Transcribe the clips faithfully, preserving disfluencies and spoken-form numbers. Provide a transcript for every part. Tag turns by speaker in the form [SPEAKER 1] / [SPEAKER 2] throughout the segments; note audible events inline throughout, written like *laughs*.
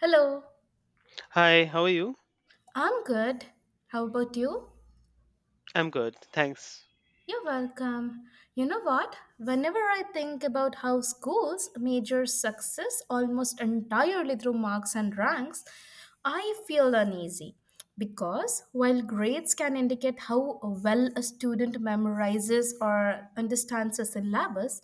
[SPEAKER 1] Hello,
[SPEAKER 2] Hi, how are you?
[SPEAKER 1] I'm good. How about you?
[SPEAKER 2] I'm good, thanks.
[SPEAKER 1] You're welcome. You know what? Whenever I think about how schools measure success almost entirely through marks and ranks, I feel uneasy. Because while grades can indicate how well a student memorizes or understands a syllabus,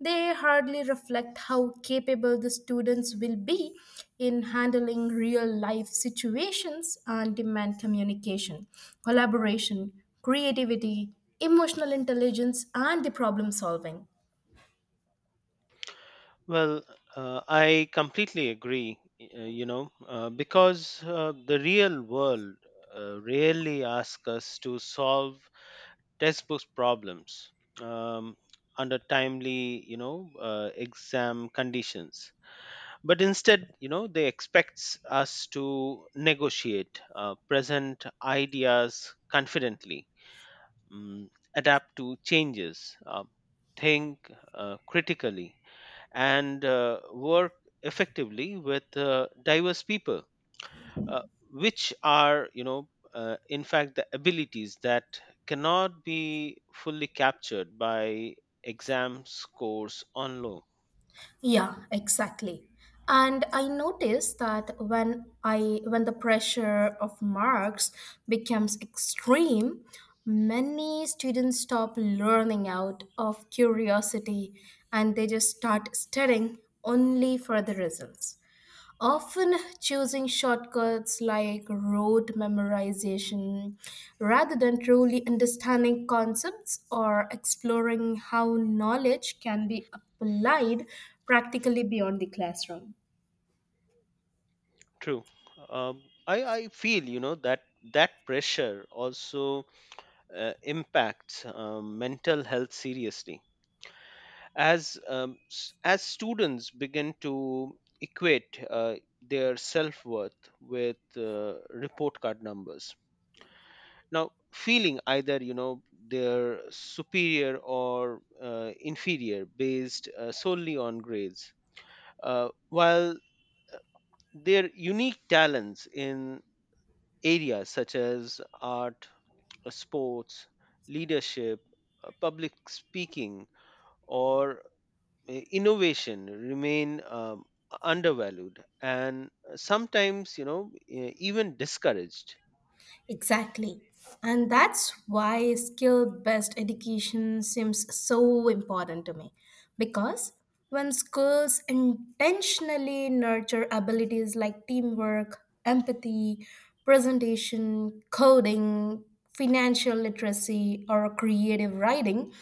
[SPEAKER 1] they hardly reflect how capable the students will be in handling real life situations and demand communication, collaboration, creativity, emotional intelligence and the problem solving.
[SPEAKER 2] Well, uh, I completely agree, y- uh, you know, uh, because uh, the real world uh, rarely asks us to solve textbook problems, um, under timely, you know, uh, exam conditions. But instead, you know, they expects us to negotiate, uh, present ideas confidently, mm, adapt to changes, uh, think uh, critically, and uh, work effectively with uh, diverse people, uh, which are, you know, uh, in fact, the abilities that cannot be fully captured by exam scores on low.
[SPEAKER 1] Yeah, exactly. And I noticed that when i when the pressure of marks becomes extreme, many students stop learning out of curiosity, and they just start studying only for the results, often choosing shortcuts like rote memorization rather than truly understanding concepts or exploring how knowledge can be applied practically beyond the classroom.
[SPEAKER 2] True. Um, I, I feel, you know, that that pressure also uh, impacts uh, mental health seriously, as um, s- as students begin to equate uh, their self worth with uh, report card numbers, now feeling either you know they're superior or uh, inferior based uh, solely on grades, uh, while their unique talents in areas such as art, uh, sports, leadership, uh, public speaking, or i- innovation remain um, undervalued and sometimes, you know e- even discouraged.
[SPEAKER 1] Exactly. And that's why skill based education seems so important to me. Because when schools intentionally nurture abilities like teamwork, empathy, presentation, coding, financial literacy or creative writing,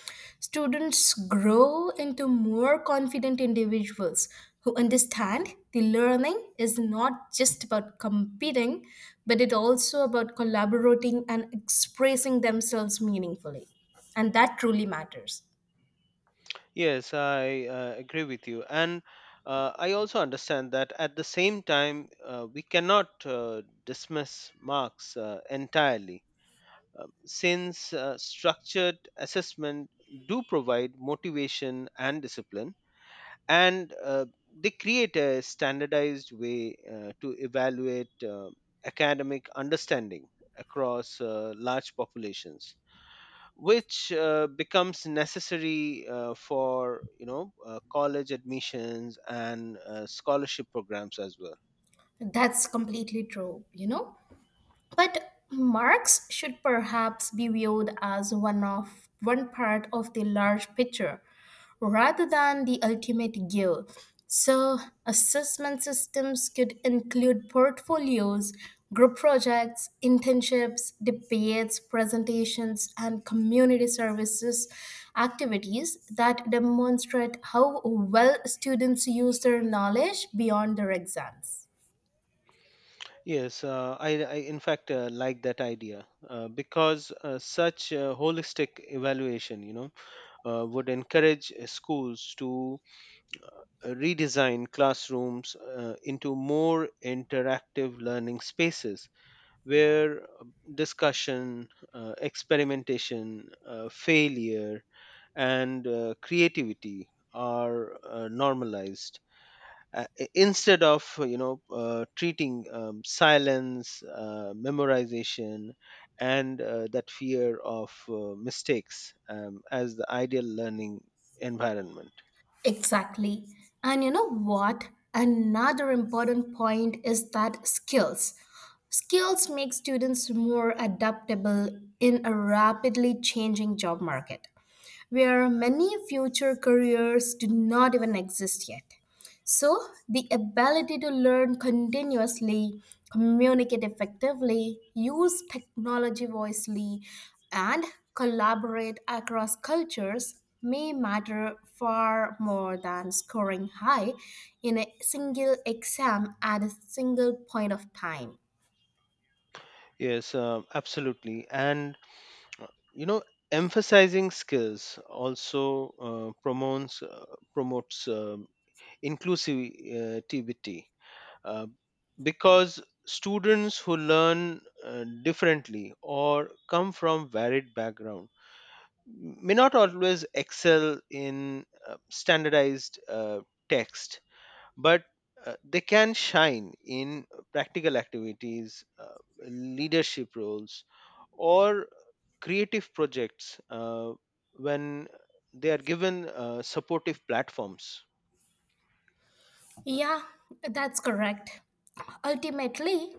[SPEAKER 1] students grow into more confident individuals who understand the learning is not just about competing, but it also about collaborating and expressing themselves meaningfully. And that truly matters.
[SPEAKER 2] Yes, I uh, agree with you, and uh, I also understand that at the same time uh, we cannot uh, dismiss marks uh, entirely, uh, since uh, structured assessment do provide motivation and discipline, and uh, they create a standardized way uh, to evaluate uh, academic understanding across uh, large populations, which uh, becomes necessary uh, for, you know uh, college admissions and uh, scholarship programs as well.
[SPEAKER 1] That's completely true, you know? But Marx should perhaps be viewed as one of one part of the large picture rather than the ultimate goal. So assessment systems could include portfolios, group projects, internships, debates, presentations, and community services activities that demonstrate how well students use their knowledge beyond their exams.
[SPEAKER 2] Yes, uh, I, I in fact uh, like that idea, uh, because uh, such uh, holistic evaluation, you know uh, would encourage uh, schools to redesign classrooms uh, into more interactive learning spaces, where uh, discussion, uh, experimentation, uh, failure, and uh, creativity are uh, normalized, uh, i- instead of, uh, you know uh, treating um, silence, uh, memorization, and uh, that fear of uh, mistakes, um, as the ideal learning environment.
[SPEAKER 1] Exactly. And you know what? Another important point is that skills. Skills make students more adaptable in a rapidly changing job market where many future careers do not even exist yet. So, the ability to learn continuously, communicate effectively, use technology wisely, and collaborate across cultures may matter far more than scoring high in a single exam at a single point of time.
[SPEAKER 2] Yes, um absolutely. And, you know emphasizing skills also uh, promotes uh, promotes um, inclusivity, uh, because students who learn uh, differently or come from varied background may not always excel in uh, standardized uh, text, but uh, they can shine in practical activities, uh, leadership roles, or creative projects uh, when they are given uh, supportive platforms.
[SPEAKER 1] Yeah, that's correct. Ultimately,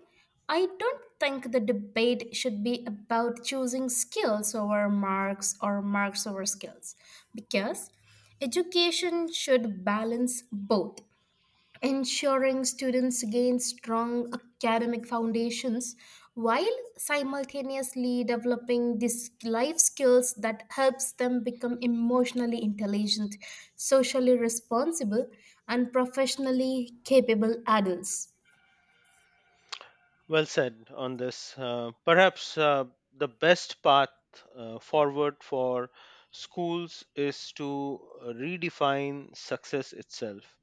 [SPEAKER 1] I don't think the debate should be about choosing skills over marks or marks over skills, because education should balance both, ensuring students gain strong academic foundations while simultaneously developing these life skills that helps them become emotionally intelligent, socially responsible, and professionally capable adults.
[SPEAKER 2] Well said on this. Uh, perhaps uh, the best path uh, forward for schools is to redefine success itself,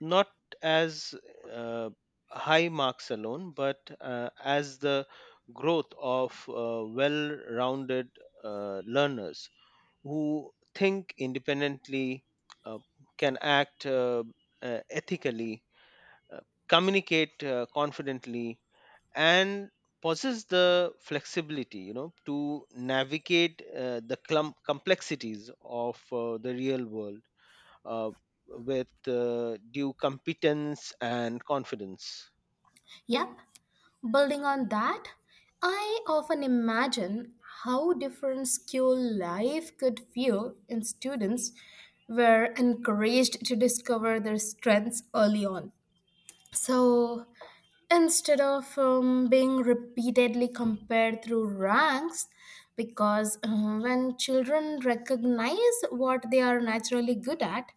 [SPEAKER 2] not as uh, high marks alone, but uh, as the growth of uh, well rounded uh, learners who think independently, uh, can act uh, uh, ethically, uh, communicate uh, confidently, and possess the flexibility, you know to navigate uh, the clum complexities of uh, the real world, uh, with uh, due competence and confidence.
[SPEAKER 1] Yep, building on that, I often imagine how different school life could feel in students were encouraged to discover their strengths early on. So instead of um, being repeatedly compared through ranks, because uh, when children recognize what they are naturally good at,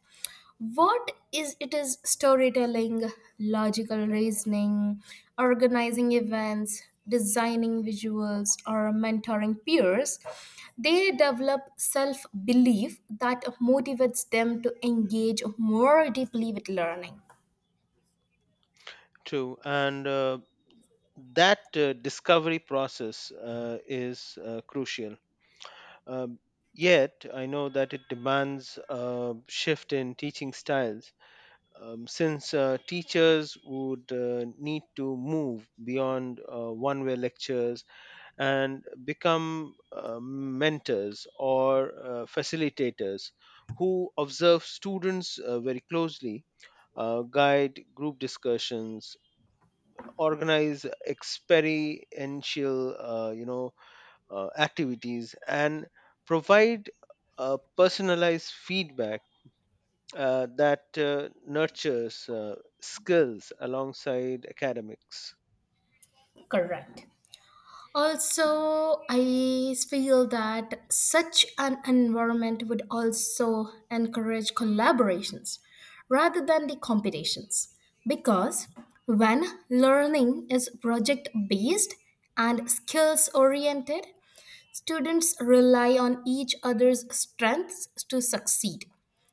[SPEAKER 1] what is it is storytelling, logical reasoning, organizing events, designing visuals, or mentoring peers, they develop self belief that motivates them to engage more deeply with learning.
[SPEAKER 2] True, and uh, that uh, discovery process uh, is uh, crucial. Um, yet, I know that it demands a shift in teaching styles. Um, since uh, teachers would uh, need to move beyond uh, one way lectures and become uh, mentors or uh, facilitators who observe students uh, very closely, uh, guide group discussions, organize experiential, uh, you know uh, activities, and provide uh, personalized feedback uh, that uh, nurtures uh, skills alongside academics.
[SPEAKER 1] Correct. Also, I feel that such an environment would also encourage collaborations rather than the competitions, because when learning is project based and skills oriented, students rely on each other's strengths to succeed.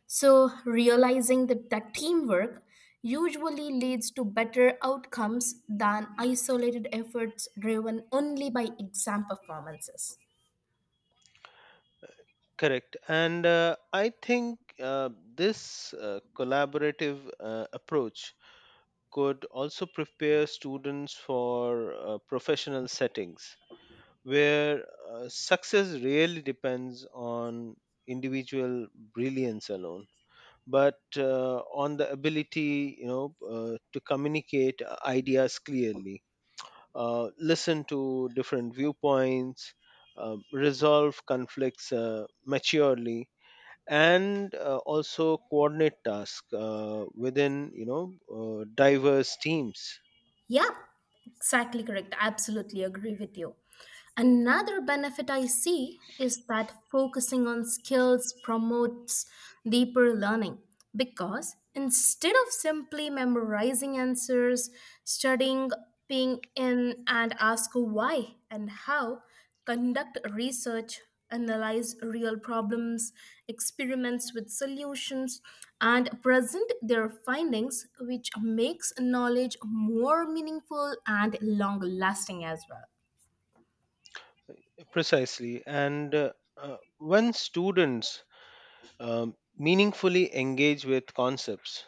[SPEAKER 1] So, realizing that, that teamwork usually leads to better outcomes than isolated efforts driven only by exam performances.
[SPEAKER 2] Correct. And uh, I think uh, this uh, collaborative uh, approach could also prepare students for uh, professional settings, where uh, success really depends on individual brilliance alone, but uh, on the ability, you know uh, to communicate uh, ideas clearly, uh, listen to different viewpoints, uh, resolve conflicts uh, maturely, and uh, also coordinate tasks uh, within, you know uh, diverse teams.
[SPEAKER 1] Yeah, exactly correct. I absolutely agree with you. Another benefit I see is that focusing on skills promotes deeper learning, because instead of simply memorizing answers, studying being in and ask why and how, conduct research, analyze real problems, experiments with solutions, and present their findings, which makes knowledge more meaningful and long lasting as well.
[SPEAKER 2] Precisely. And uh, uh, when students um, meaningfully engage with concepts,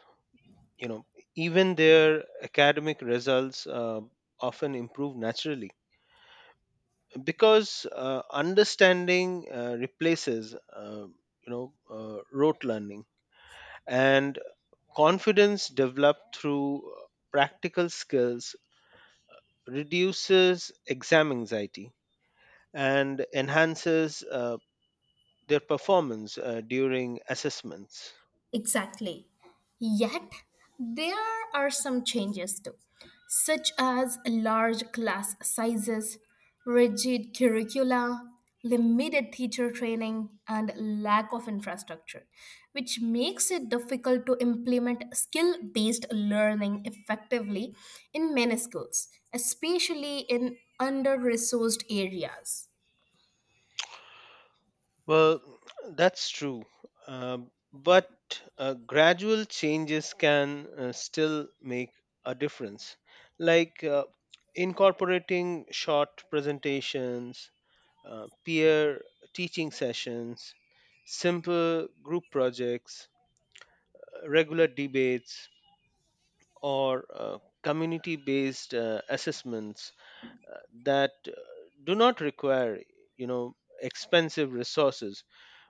[SPEAKER 2] you know even their academic results uh, often improve naturally, because uh, understanding uh, replaces, uh, you know uh, rote learning, and confidence developed through uh, practical skills reduces exam anxiety and enhances uh, their performance uh, during assessments.
[SPEAKER 1] Exactly. Yet, there are some changes too, such as large class sizes, rigid curricula, limited teacher training, and lack of infrastructure, which makes it difficult to implement skill based learning effectively in many schools, especially in under resourced areas.
[SPEAKER 2] Well, that's true. Um but uh, gradual changes can uh, still make a difference, like uh, incorporating short presentations, uh, peer teaching sessions, simple group projects, uh, regular debates, or uh, community based uh, assessments uh, that uh, do not require, you know expensive resources,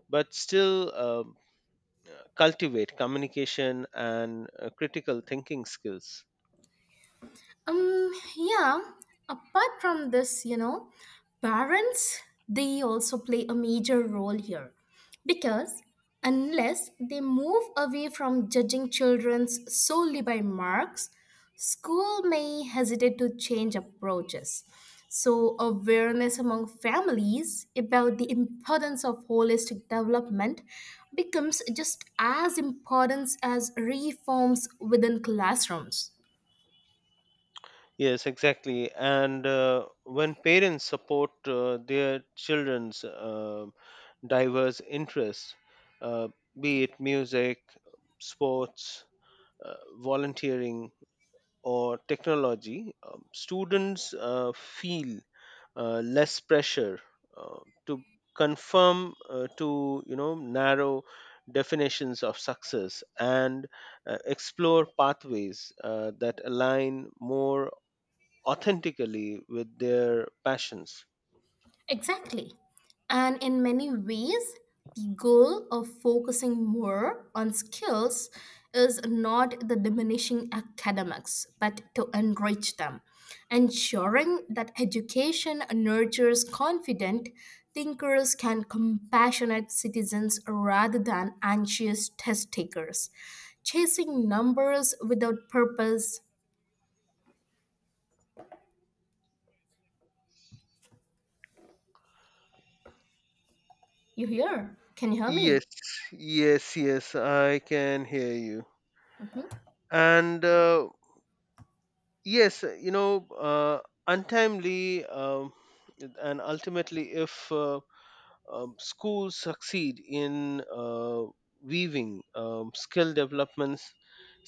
[SPEAKER 2] but still um cultivate communication and uh, critical thinking skills.
[SPEAKER 1] Um, yeah, apart from this, you know, parents, they also play a major role here, because unless they move away from judging children solely by marks, school may hesitate to change approaches. So, awareness among families about the importance of holistic development becomes just as important as reforms within classrooms.
[SPEAKER 2] Yes, exactly. And uh, when parents support uh, their children's uh, diverse interests, uh, be it music, sports, uh, volunteering, or technology, um, students uh, feel uh, less pressure uh, to confirm uh, to, you know narrow definitions of success, and uh, explore pathways uh, that align more authentically with their passions.
[SPEAKER 1] Exactly. And in many ways, the goal of focusing more on skills is not the diminishing academics, but to enrich them, ensuring that education nurtures confident thinkers and compassionate citizens rather than anxious test takers chasing numbers without purpose. You hear? Can you hear me?
[SPEAKER 2] Yes, yes, yes, I can hear you.
[SPEAKER 1] Mhm.
[SPEAKER 2] And uh, yes, you know, uh, untimely um, and ultimately, if uh, um, schools succeed in uh, weaving um, skill developments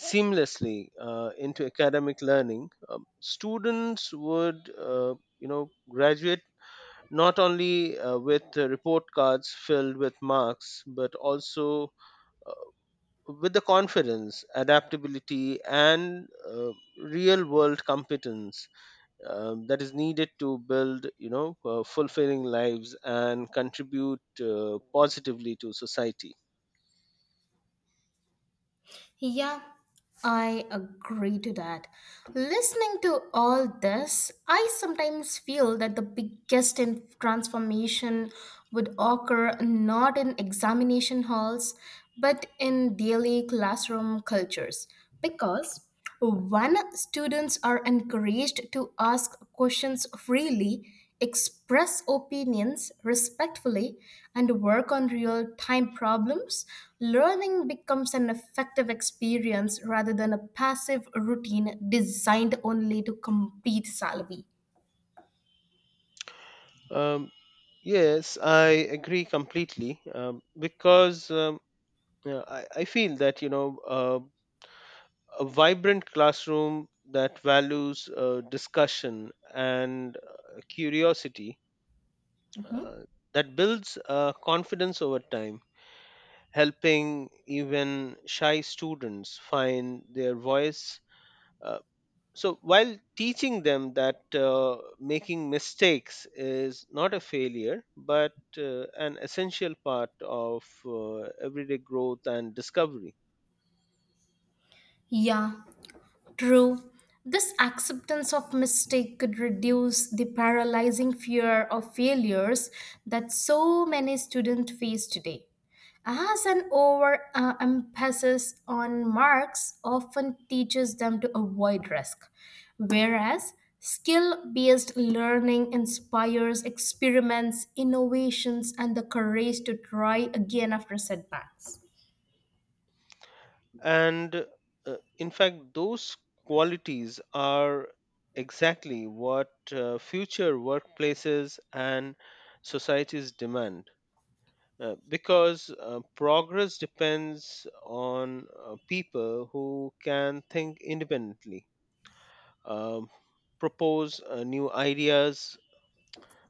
[SPEAKER 2] seamlessly uh, into academic learning, um, students would, uh, you know, graduate, not only uh, with uh, report cards filled with marks, but also uh, with the confidence, adaptability, and uh, real world competence um, that is needed to build, you know uh, fulfilling lives and contribute uh, positively to society.
[SPEAKER 1] Yeah, I agree to that. Listening to all this, I sometimes feel that the biggest in- transformation would occur not in examination halls, but in daily classroom cultures. Because when students are encouraged to ask questions freely, express opinions respectfully, and work on real time problems, learning becomes an effective experience rather than a passive routine designed only to complete salary.
[SPEAKER 2] um, yes, I agree completely. Um, because um, yeah, I, I feel that, you know uh, a vibrant classroom that values uh, discussion and uh, curiosity, uh,
[SPEAKER 1] Mhm.
[SPEAKER 2] that builds uh, confidence over time, helping even shy students find their voice, uh, so while teaching them that uh, making mistakes is not a failure but uh, an essential part of uh, everyday growth and discovery.
[SPEAKER 1] Yeah, true. This acceptance of mistake could reduce the paralyzing fear of failures that so many students face today. As an over uh, emphasis on marks often teaches them to avoid risk, whereas skill based learning inspires experiments, innovations, and the courage to try again after setbacks.
[SPEAKER 2] And uh, in fact, those qualities are exactly what uh, future workplaces and societies demand, uh, because uh, progress depends on uh, people who can think independently, um, propose uh, new ideas,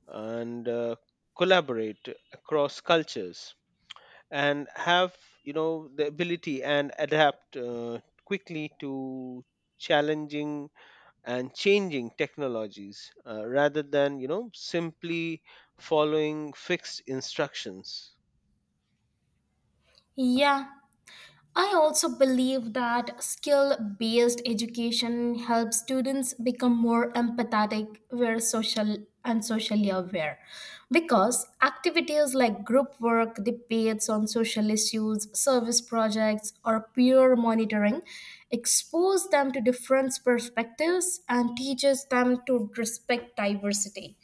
[SPEAKER 2] and uh, collaborate across cultures, and have, you know the ability and adapt uh, quickly to challenging and changing technologies, uh, rather than, you know simply following fixed instructions.
[SPEAKER 1] Yeah, I also believe that skill based education helps students become more empathetic, were social and socially aware, because activities like group work, debates on social issues, service projects, or peer monitoring expose them to different perspectives and teaches them to respect diversity.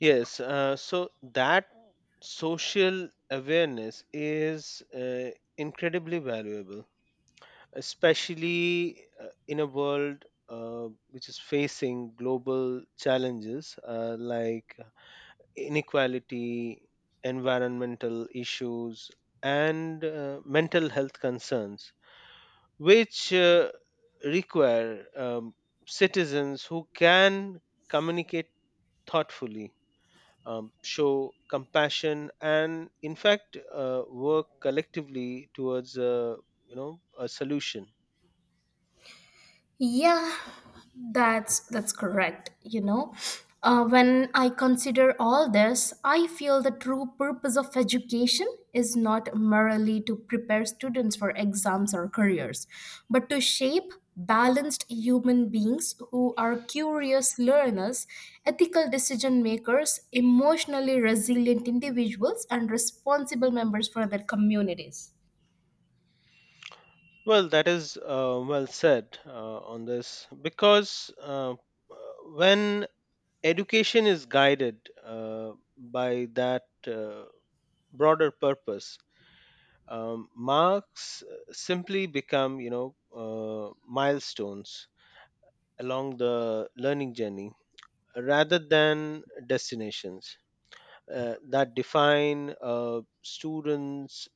[SPEAKER 2] Yes. Uh, so that social awareness is uh, incredibly valuable, especially uh, in a world uh, which is facing global challenges uh, like inequality, environmental issues, and uh, mental health concerns, which uh, require um, citizens who can communicate thoughtfully, Um, show compassion, and in fact uh, work collectively towards a you know a solution.
[SPEAKER 1] Yeah, that's that's correct. You know, uh, when I consider all this, I feel the true purpose of education is not merely to prepare students for exams or careers, but to shape balanced human beings who are curious learners, ethical decision makers, emotionally resilient individuals, and responsible members for their communities.
[SPEAKER 2] Well, that is uh, well said uh, on this, because uh, when education is guided uh, by that uh, broader purpose, um, marks uh, simply become, you know, uh, milestones along the learning journey, rather than destinations uh, that define a student's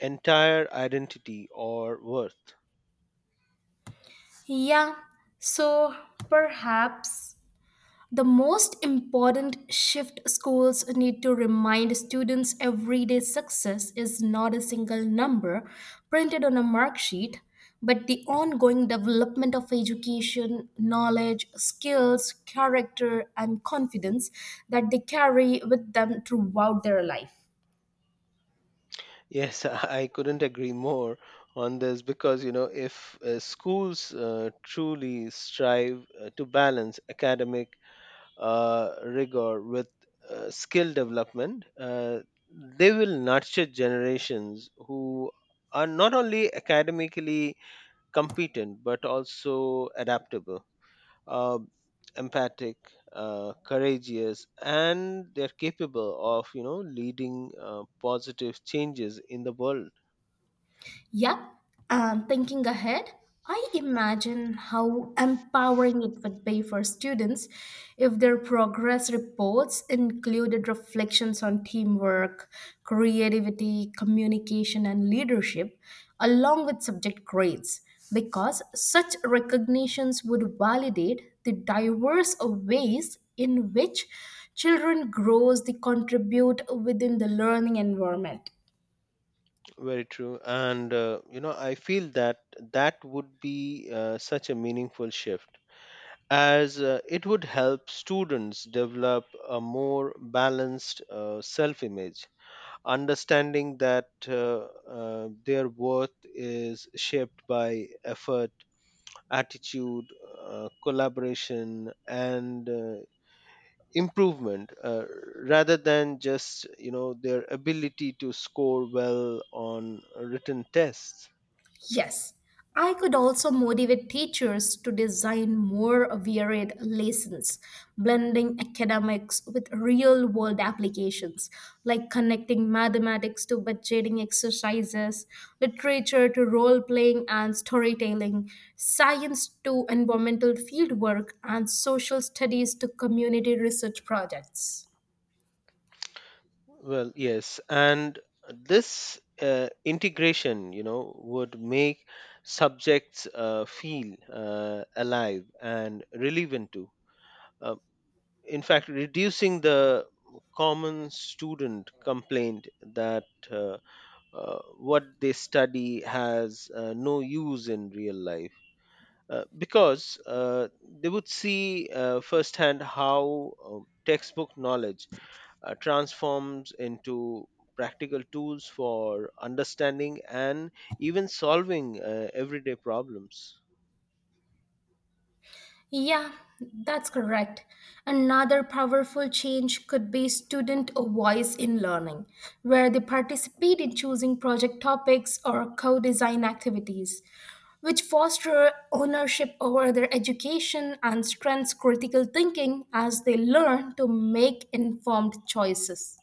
[SPEAKER 2] entire identity or worth.
[SPEAKER 1] Yeah, so perhaps the most important shift schools need to remind students everyday success is not a single number printed on a mark sheet, but the ongoing development of education, knowledge, skills, character, and confidence that they carry with them throughout their life.
[SPEAKER 2] Yes, *laughs* I I couldn't agree more on this, because, you know, if uh, schools uh, truly strive uh, to balance academic uh, rigor with uh, skill development, uh, they will nurture generations who are not only academically competent, but also adaptable, uh, empathic, uh, courageous, and they're capable of, you know, leading uh, positive changes in the world.
[SPEAKER 1] Yep, and thinking ahead, I imagine how empowering it would be for students if their progress reports included reflections on teamwork, creativity, communication, and leadership, along with subject grades, because such recognitions would validate the diverse ways in which children grows they contribute within the learning environment.
[SPEAKER 2] Very true. And, uh, you know, I feel that that would be uh, such a meaningful shift, as uh, it would help students develop a more balanced uh, self image, understanding that uh, uh, their worth is shaped by effort, attitude, uh, collaboration, and uh, improvement, uh, rather than just, you know their ability to score well on written tests.
[SPEAKER 1] Yes, I could also motivate teachers to design more varied lessons, blending academics with real world applications, like connecting mathematics to budgeting exercises, literature to role playing and storytelling, science to environmental fieldwork, and social studies to community research projects.
[SPEAKER 2] Well, yes, and this uh, integration, you know, would make subjects uh, feel uh, alive and relevant too. Uh, in fact, reducing the common student complaint that, uh, uh, what they study has uh, no use in real life, uh, because uh, they would see uh, firsthand how uh, textbook knowledge uh, transforms into practical tools for understanding and even solving uh, everyday problems.
[SPEAKER 1] Yeah, that's correct. Another powerful change could be student voice in learning, where they participate in choosing project topics or co design activities, which foster ownership over their education and strengthens critical thinking as they learn to make informed choices.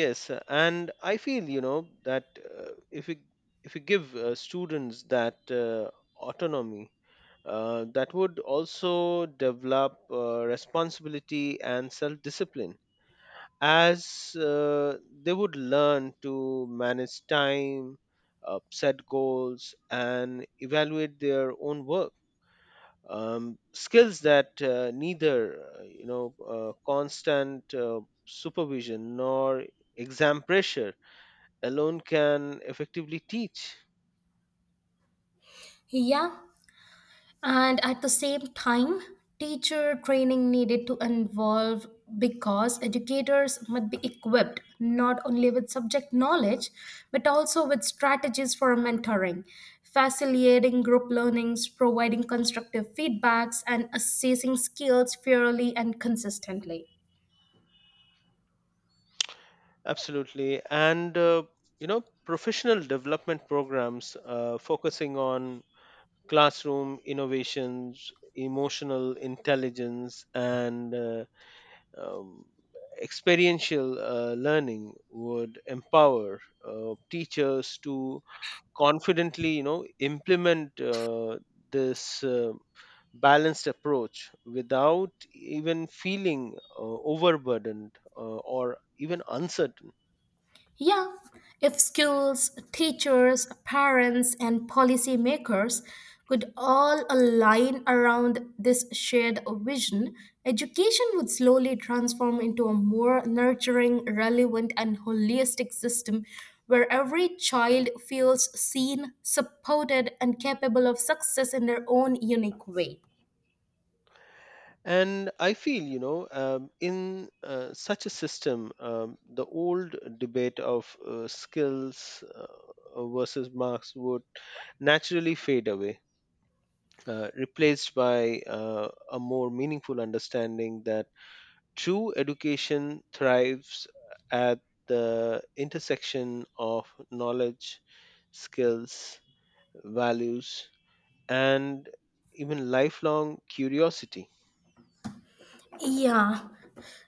[SPEAKER 2] Yes. Uh, and I feel, you know that uh, if we if we give uh, students that uh, autonomy, uh, that would also develop uh, responsibility and self discipline, as uh, they would learn to manage time, uh, set goals, and evaluate their own work. Um, skills that uh, neither, uh, you know uh, constant uh, supervision nor exam pressure alone can effectively teach.
[SPEAKER 1] Yeah, and at the same time, teacher training needed to involve because educators must be equipped not only with subject knowledge but also with strategies for mentoring, facilitating group learnings, providing constructive feedbacks, and assessing skills fairly and consistently.
[SPEAKER 2] Absolutely. And uh, you know professional development programs uh, focusing on classroom innovations, emotional intelligence, and uh, um, experiential uh, learning would empower uh, teachers to confidently, you know, implement uh, this uh, balanced approach without even feeling uh, overburdened uh, or even uncertain.
[SPEAKER 1] Yeah, if schools, teachers, parents, and policymakers could all align around this shared vision, education would slowly transform into a more nurturing, relevant, and holistic system where every child feels seen, supported, and capable of success in their own unique way.
[SPEAKER 2] And I feel, you know, um, in uh, such a system, um, the old debate of uh, skills uh, uh, versus marks would naturally fade away, uh, replaced by uh, a more meaningful understanding that true education thrives at the intersection of knowledge, skills, values, and even lifelong curiosity.
[SPEAKER 1] Yeah,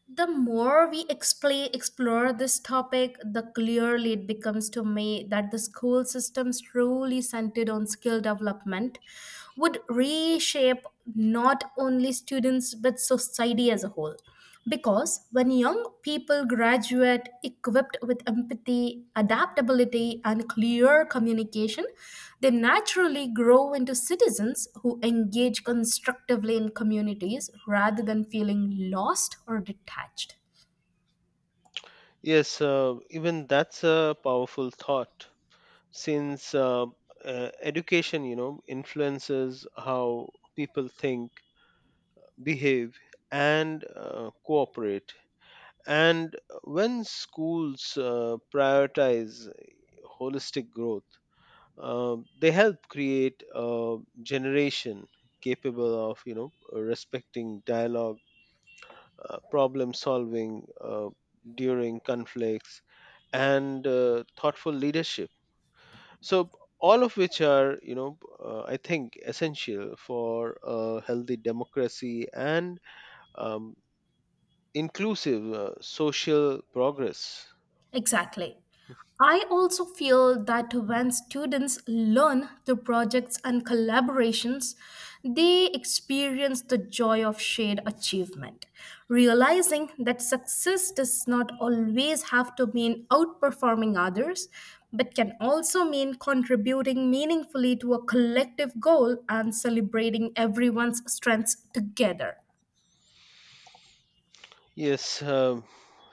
[SPEAKER 1] the more we explain, explore this topic, the clearly it becomes to me that the school systems truly centered on skill development would reshape not only students but society as a whole. Because because when young people graduate equipped with empathy, adaptability, and clear communication, they naturally grow into citizens who engage constructively in communities rather than feeling lost or detached.
[SPEAKER 2] Yes. Uh, even that's a powerful thought, since uh, uh, education, you know, influences how people think, behave, and uh, cooperate. And when schools uh, prioritize holistic growth, uh, they help create a generation capable of, you know, respecting dialogue, uh, problem solving uh, during conflicts, and uh, thoughtful leadership, so all of which are, you know uh, I think, essential for a healthy democracy and um, inclusive uh, social progress.
[SPEAKER 1] Exactly. I also feel that when students learn through projects and collaborations, they experience the joy of shared achievement, realizing that success does not always have to mean outperforming others, but can also mean contributing meaningfully to a collective goal and celebrating everyone's strengths together.
[SPEAKER 2] Yes, um,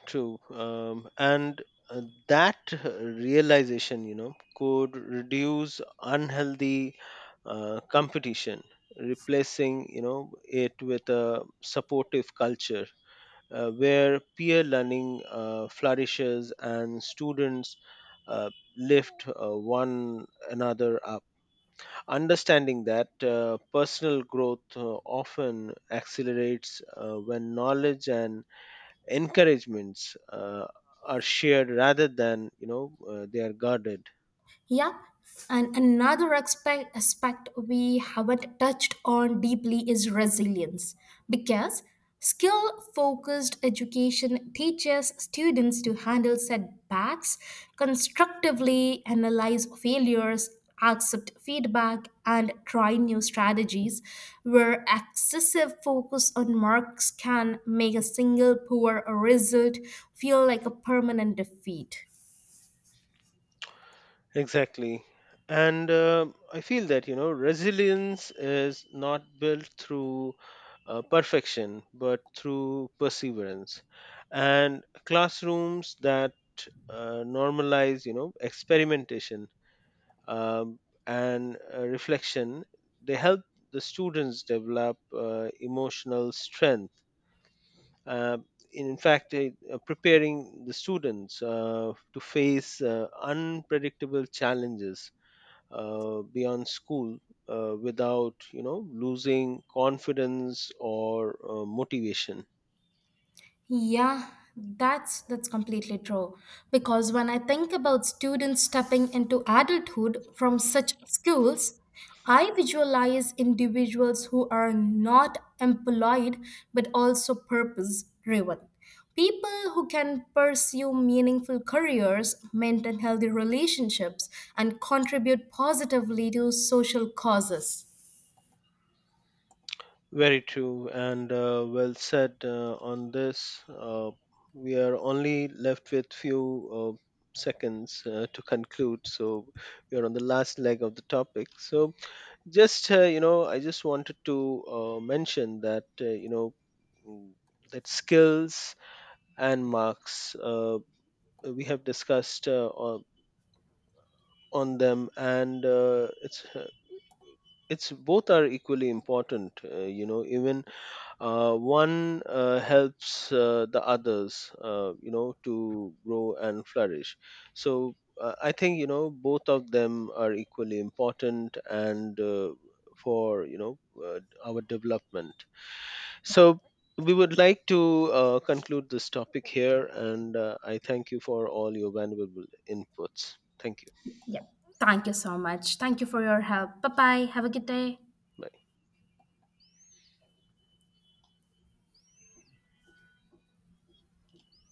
[SPEAKER 2] true. Um, and uh, that uh, realization, you know could reduce unhealthy uh, competition, replacing, you know it with a supportive culture, uh, where peer learning uh, flourishes and students uh, lift uh, one another up. Understanding that uh, personal growth uh, often accelerates uh, when knowledge and encouragements uh, are shared, rather than, you know uh, they are guarded.
[SPEAKER 1] Yeah, and another aspect, aspect we haven't touched on deeply is resilience, because skill focused education teaches students to handle setbacks, constructively analyze failures, accept feedback, and try new strategies, where excessive focus on marks can make a single poor result feel like a permanent defeat.
[SPEAKER 2] Exactly. And um I feel that, you know, resilience is not built through uh, perfection, but through perseverance. And classrooms that uh, normalize, you know, experimentation um, and uh, reflection, they help the students develop uh, emotional strength. Uh, in fact, it, uh, preparing the students uh, to face uh, unpredictable challenges uh, beyond school, uh, without, you know losing confidence or uh, motivation.
[SPEAKER 1] Yeah, that's that's completely true. Because when I think about students stepping into adulthood from such schools, I visualize individuals who are not employed but also purpose driven. People who can pursue meaningful careers, maintain healthy relationships, and contribute positively to social causes.
[SPEAKER 2] Very true, and uh, well said uh, on this. Uh, we are only left with few uh, seconds uh, to conclude, so we are on the last leg of the topic. So just, uh, you know I just wanted to uh, mention that, uh, you know mm, that skills and marks, uh, we have discussed uh, on them, and uh, it's uh, it's both are equally important, uh, you know even uh, one uh, helps uh, the others, uh, you know to grow and flourish. So uh, I think, you know both of them are equally important, and uh, for, you know uh, our development. So we would like to uh, conclude this topic here, and uh, I thank you for all your valuable inputs. Thank you.
[SPEAKER 1] Yeah. Thank you so much. Thank you for your help. Bye bye. Have a good day.
[SPEAKER 2] Bye.